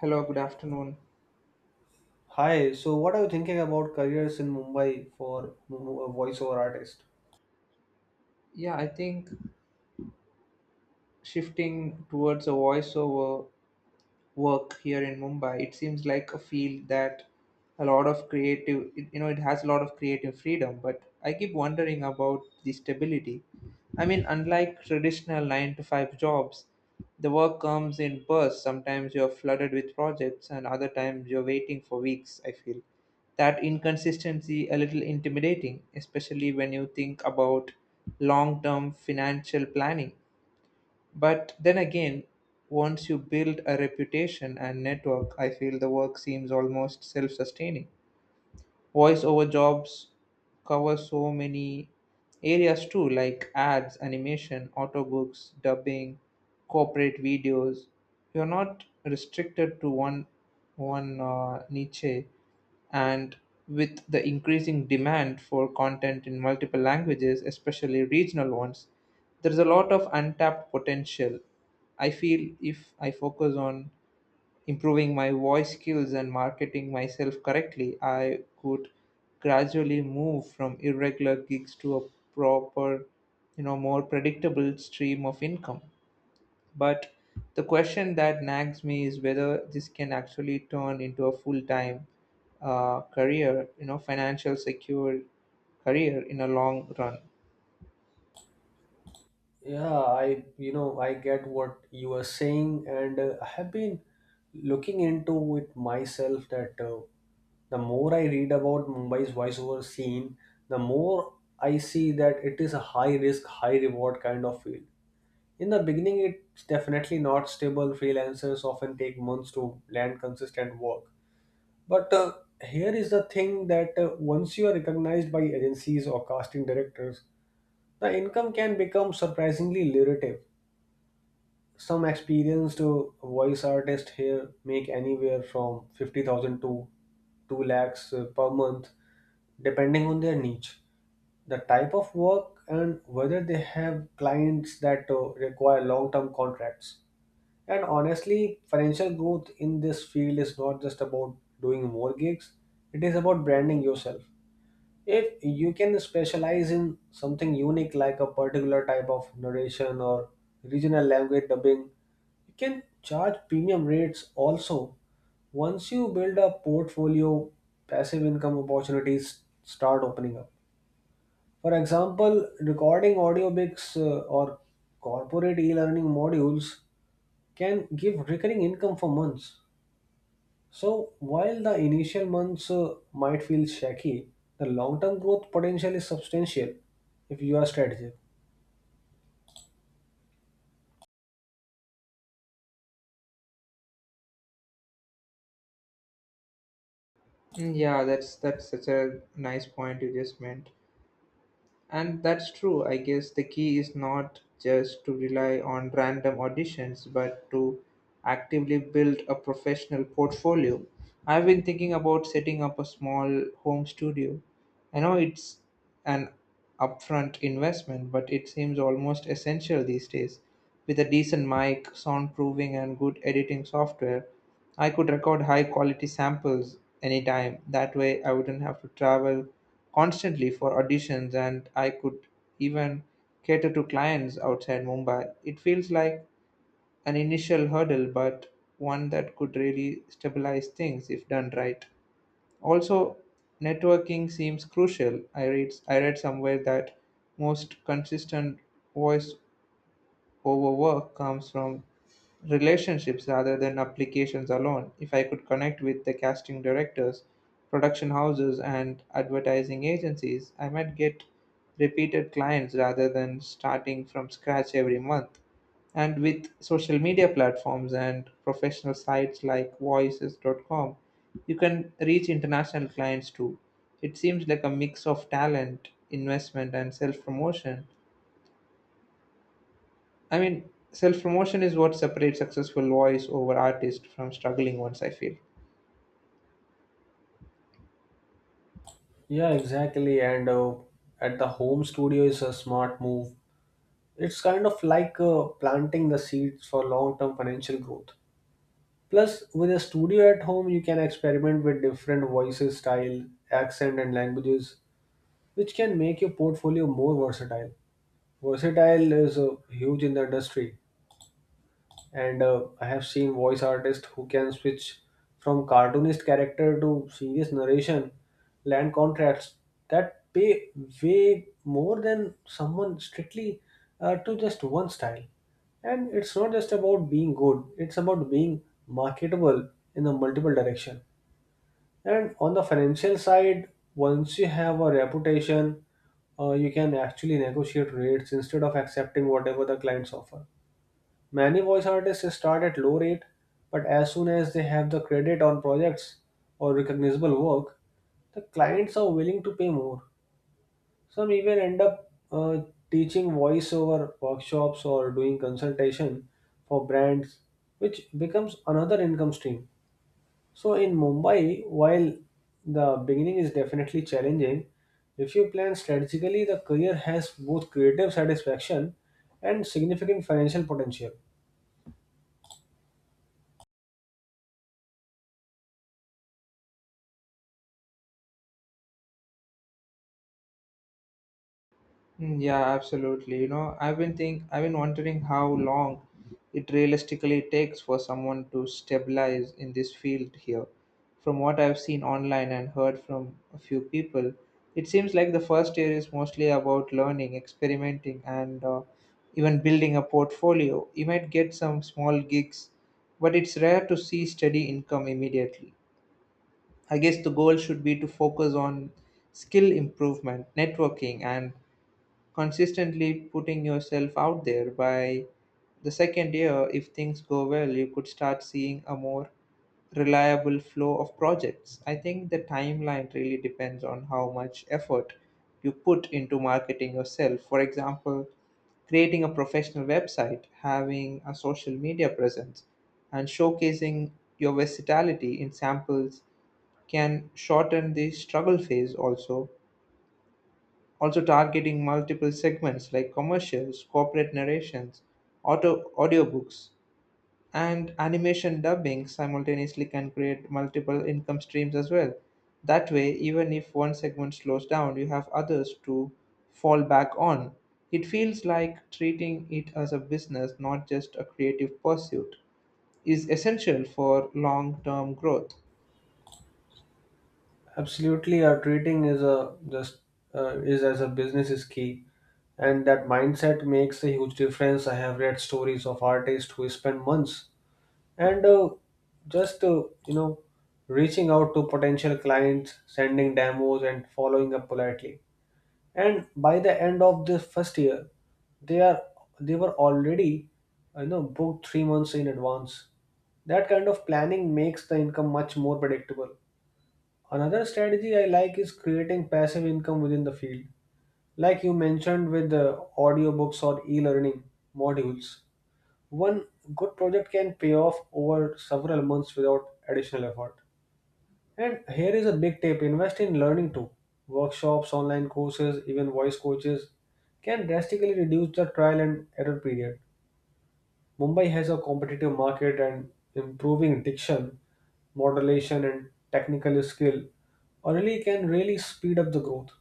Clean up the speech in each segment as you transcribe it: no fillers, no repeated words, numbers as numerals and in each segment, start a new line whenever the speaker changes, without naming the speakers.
Hello, good afternoon.
Hi, so what are you thinking about careers in Mumbai for a voiceover artist?
Yeah, I think shifting towards a voiceover work here in Mumbai, it seems like a field that a lot of creative, it has a lot of creative freedom. But I keep wondering about the stability. I mean, unlike traditional nine to five jobs, the work comes in bursts. Sometimes you're flooded with projects, and other times you're waiting for weeks. I feel that inconsistency a little intimidating, especially when you think about long term financial planning. But then again, once you build a reputation and network, I feel the work seems almost self sustaining. Voice over jobs cover so many areas too, like ads, animation, audiobooks, dubbing, corporate videos. You're not restricted to one one niche. And with the increasing demand for content in multiple languages, especially regional ones, there's a lot of untapped potential. I feel if I focus on improving my voice skills and marketing myself correctly, I could gradually move from irregular gigs to a proper, more predictable stream of income. But the question that nags me is whether this can actually turn into a full time career, financial secure career in a long run.
Yeah, I get what you are saying, and I have been looking into it myself. That The more I read about Mumbai's voiceover scene, the more I see that it is a high risk, high reward kind of field. In the beginning, it's definitely not stable. Freelancers often take months to land consistent work. But Here is the thing that once you are recognized by agencies or casting directors, the income can become surprisingly lucrative. Some experienced voice artists here make anywhere from 50,000 to 2 lakhs per month, depending on their niche, the type of work, and whether they have clients that require long term contracts. And honestly, financial growth in this field is not just about doing more gigs, it is about branding yourself. If you can specialize in something unique like a particular type of narration or regional language dubbing, you can charge premium rates also. Once you build a portfolio, passive income opportunities start opening up. For example, recording audiobooks or corporate e learning modules can give recurring income for months. So, while the initial months might feel shaky, the long term growth potential is substantial if you are strategic.
Mm, yeah, that's such a nice point you just meant. And that's true. I guess the key is not just to rely on random auditions, but to actively build a professional portfolio. I've been thinking about setting up a small home studio. I know it's an upfront investment, but it seems almost essential these days. With a decent mic, soundproofing, and good editing software, I could record high quality samples anytime. That way, I wouldn't have to travel constantly for auditions, and I could even cater to clients outside Mumbai. It feels like an initial hurdle, but one that could really stabilize things if done right. Also, networking seems crucial. I read somewhere that most consistent voice over work comes from relationships rather than applications alone. If I could connect with the casting directors, production houses, and advertising agencies, I might get repeated clients rather than starting from scratch every month. And with social media platforms and professional sites like voices.com, you can reach international clients too. It seems like a mix of talent, investment, and self promotion. I mean, self promotion is what separates successful voice over artists from struggling ones, I feel.
Yeah, exactly. And At the home studio is a smart move. It's kind of like planting the seeds for long term financial growth. Plus, with a studio at home, you can experiment with different voices, style, accent, and languages, which can make your portfolio more versatile. Versatile is huge in the industry, and I have seen voice artists who can switch from cartoonist character to serious narration, land contracts that pay way more than someone strictly to just one style. And it's not just about being good, it's about being marketable in a multiple direction. And on the financial side, once you have a reputation, you can actually negotiate rates instead of accepting whatever the clients offer. Many voice artists start at low rate, but as soon as they have the credit on projects or recognizable work, the clients are willing to pay more. Some even end up teaching voiceover workshops or doing consultation for brands, which becomes another income stream. So in Mumbai, while the beginning is definitely challenging, if you plan strategically, the career has both creative satisfaction and significant financial potential.
Mm, yeah, absolutely. You know, I've been wondering how long it realistically takes for someone to stabilize in this field here. From what I've seen online and heard from a few people, it seems like the first year is mostly about learning, experimenting, and even building a portfolio. You might get some small gigs, but it's rare to see steady income immediately. I guess the goal should be to focus on skill improvement, networking, and consistently putting yourself out there. By the second year, if things go well, you could start seeing a more reliable flow of projects. I think the timeline really depends on how much effort you put into marketing yourself. For example, creating a professional website, having a social media presence, and showcasing your versatility in samples can shorten the struggle phase also. Targeting multiple segments like commercials, corporate narrations, auto, audiobooks, and animation dubbing simultaneously can create multiple income streams as well. That way, even if one segment slows down, you have others to fall back on. It feels like treating it as a business, not just a creative pursuit, is essential for long term growth.
Absolutely, our treating is a just is as a business is key, and that mindset makes a huge difference. I have read stories of artists who spend months and just you know reaching out to potential clients, sending demos, and following up politely. And by the end of the first year, they are they were already booked 3 months in advance. That kind of planning makes the income much more predictable. Another strategy I like is creating passive income within the field, like you mentioned with the audiobooks or e learning modules. One good project can pay off over several months without additional effort. And here is a big tip, invest in learning too. Workshops, online courses, even voice coaches can drastically reduce the trial and error period. Mumbai has a competitive market, and improving diction, modulation, and technical skill early can really speed up the growth.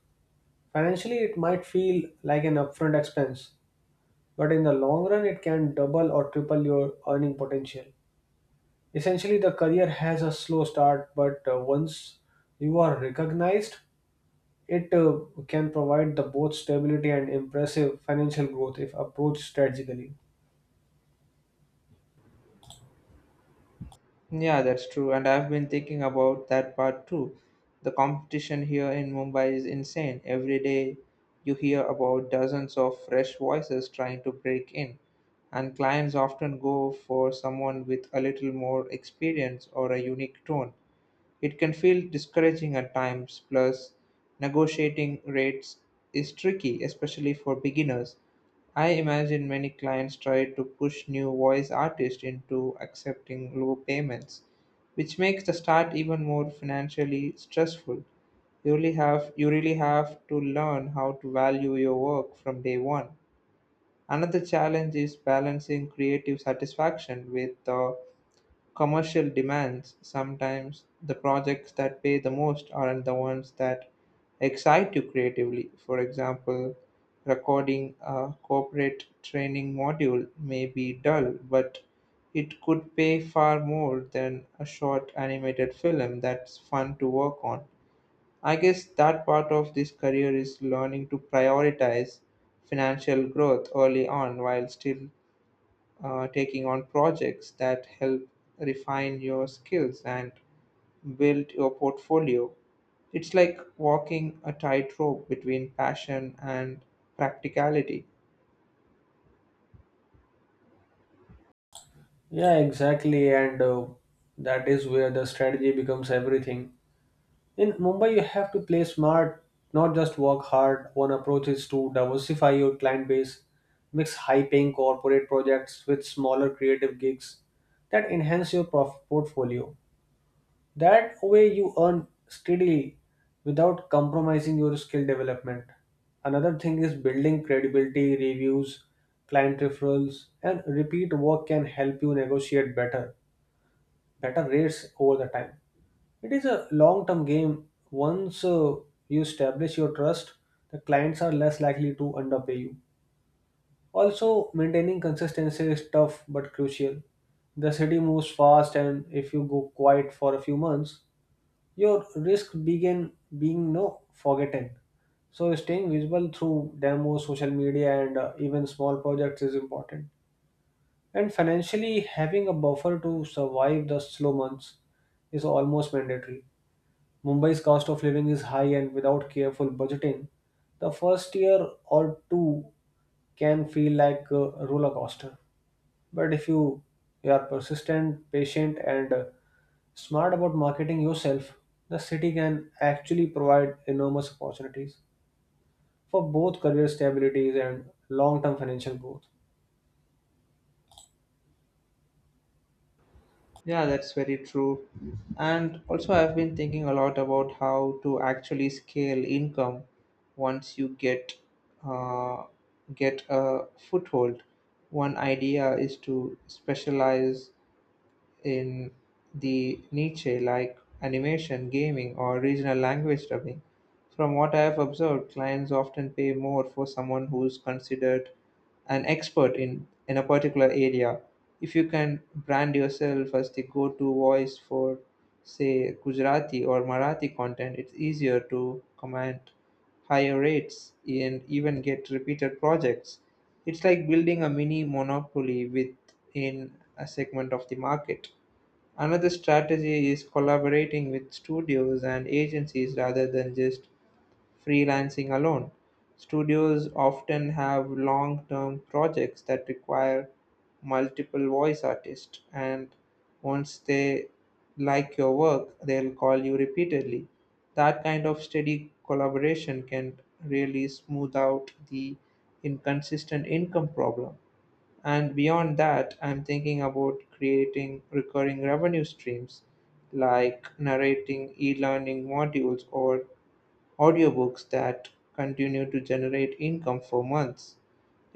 Financially, it might feel like an upfront expense, but in the long run, it can double or triple your earning potential. Essentially, the career has a slow start, but once you are recognized, it can provide the both stability and impressive financial growth if approached strategically.
Yeah, that's true. And I've been thinking about that part too. The competition here in Mumbai is insane. Every day you hear about dozens of fresh voices trying to break in. And clients often go for someone with a little more experience or a unique tone. It can feel discouraging at times, plus, negotiating rates is tricky, especially for beginners. I imagine many clients try to push new voice artists into accepting low payments, which makes the start even more financially stressful. You really have to learn how to value your work from day one. Another challenge is balancing creative satisfaction with the commercial demands. Sometimes the projects that pay the most aren't the ones that excite you creatively. For example, recording a corporate training module may be dull, but it could pay far more than a short animated film that's fun to work on. I guess that part of this career is learning to prioritize financial growth early on while still taking on projects that help refine your skills and build your portfolio. It's like walking a tightrope between passion and practicality.
Yeah, exactly. And That is where the strategy becomes everything. In Mumbai, you have to play smart, not just work hard. One approach is to diversify your client base, mix high paying corporate projects with smaller creative gigs that enhance your portfolio. That way, you earn steadily without compromising your skill development. Another thing is building credibility. Reviews, client referrals, and repeat work can help you negotiate better rates over the time. It is a long term game. Once you establish your trust, the clients are less likely to underpay you. Also, maintaining consistency is tough but crucial. The city moves fast, and if you go quiet for a few months, your risk begin being no forgotten. So, staying visible through demos, social media, and even small projects is important. And financially, having a buffer to survive the slow months is almost mandatory. Mumbai's cost of living is high, and without careful budgeting, the first year or two can feel like a roller coaster. But if you, you are persistent, patient, and smart about marketing yourself, the city can actually provide enormous opportunities for both career stabilities and long term financial growth.
Yeah, that's very true. And also, I've been thinking a lot about how to actually scale income once you uh, get a foothold. One idea is to specialize in the niche like animation, gaming, or regional language dubbing. From what I have observed, clients often pay more for someone who's considered an expert in a particular area. If you can brand yourself as the go to voice for, say, Gujarati or Marathi content, it's easier to command higher rates and even get repeated projects. It's like building a mini monopoly within a segment of the market. Another strategy is collaborating with studios and agencies rather than just freelancing alone. Studios often have long term projects that require multiple voice artists, and once they like your work, they'll call you repeatedly. That kind of steady collaboration can really smooth out the inconsistent income problem. And beyond that, I'm thinking about creating recurring revenue streams like narrating e learning modules or audiobooks that continue to generate income for months.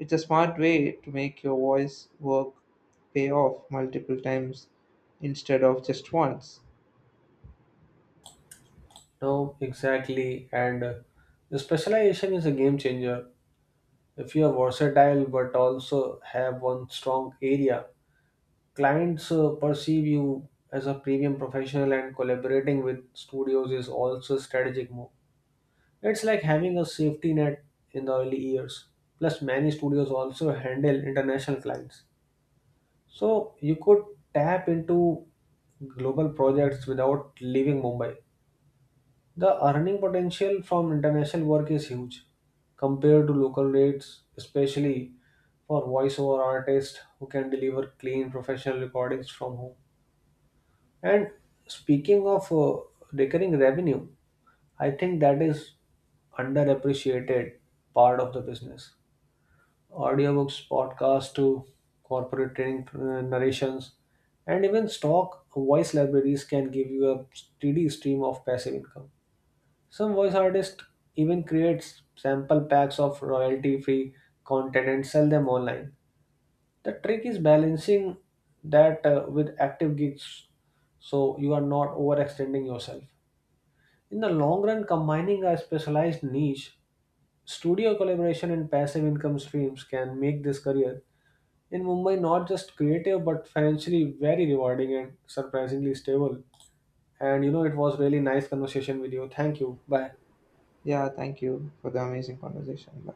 It's a smart way to make your voice work pay off multiple times instead of just once.
No, exactly. And The specialization is a game changer. If you are versatile but also have one strong area, clients perceive you as a premium professional, and collaborating with studios is also a strategic move. It's like having a safety net in the early years. Plus, many studios also handle international clients. So you could tap into global projects without leaving Mumbai. The earning potential from international work is huge compared to local rates, especially for voiceover artists who can deliver clean professional recordings from home. And speaking of recurring revenue, I think that is underappreciated part of the business. Audiobooks, podcasts to corporate training narrations, and even stock voice libraries can give you a steady stream of passive income. Some voice artists even create sample packs of royalty free content and sell them online. The trick is balancing that with active gigs so you are not overextending yourself. In the long run, combining a specialized niche, studio collaboration, and passive income streams can make this career in Mumbai not just creative but financially very rewarding and surprisingly stable. And you know, it was really nice conversation with you. Thank you. Bye.
Yeah, thank you for the amazing conversation. Bye.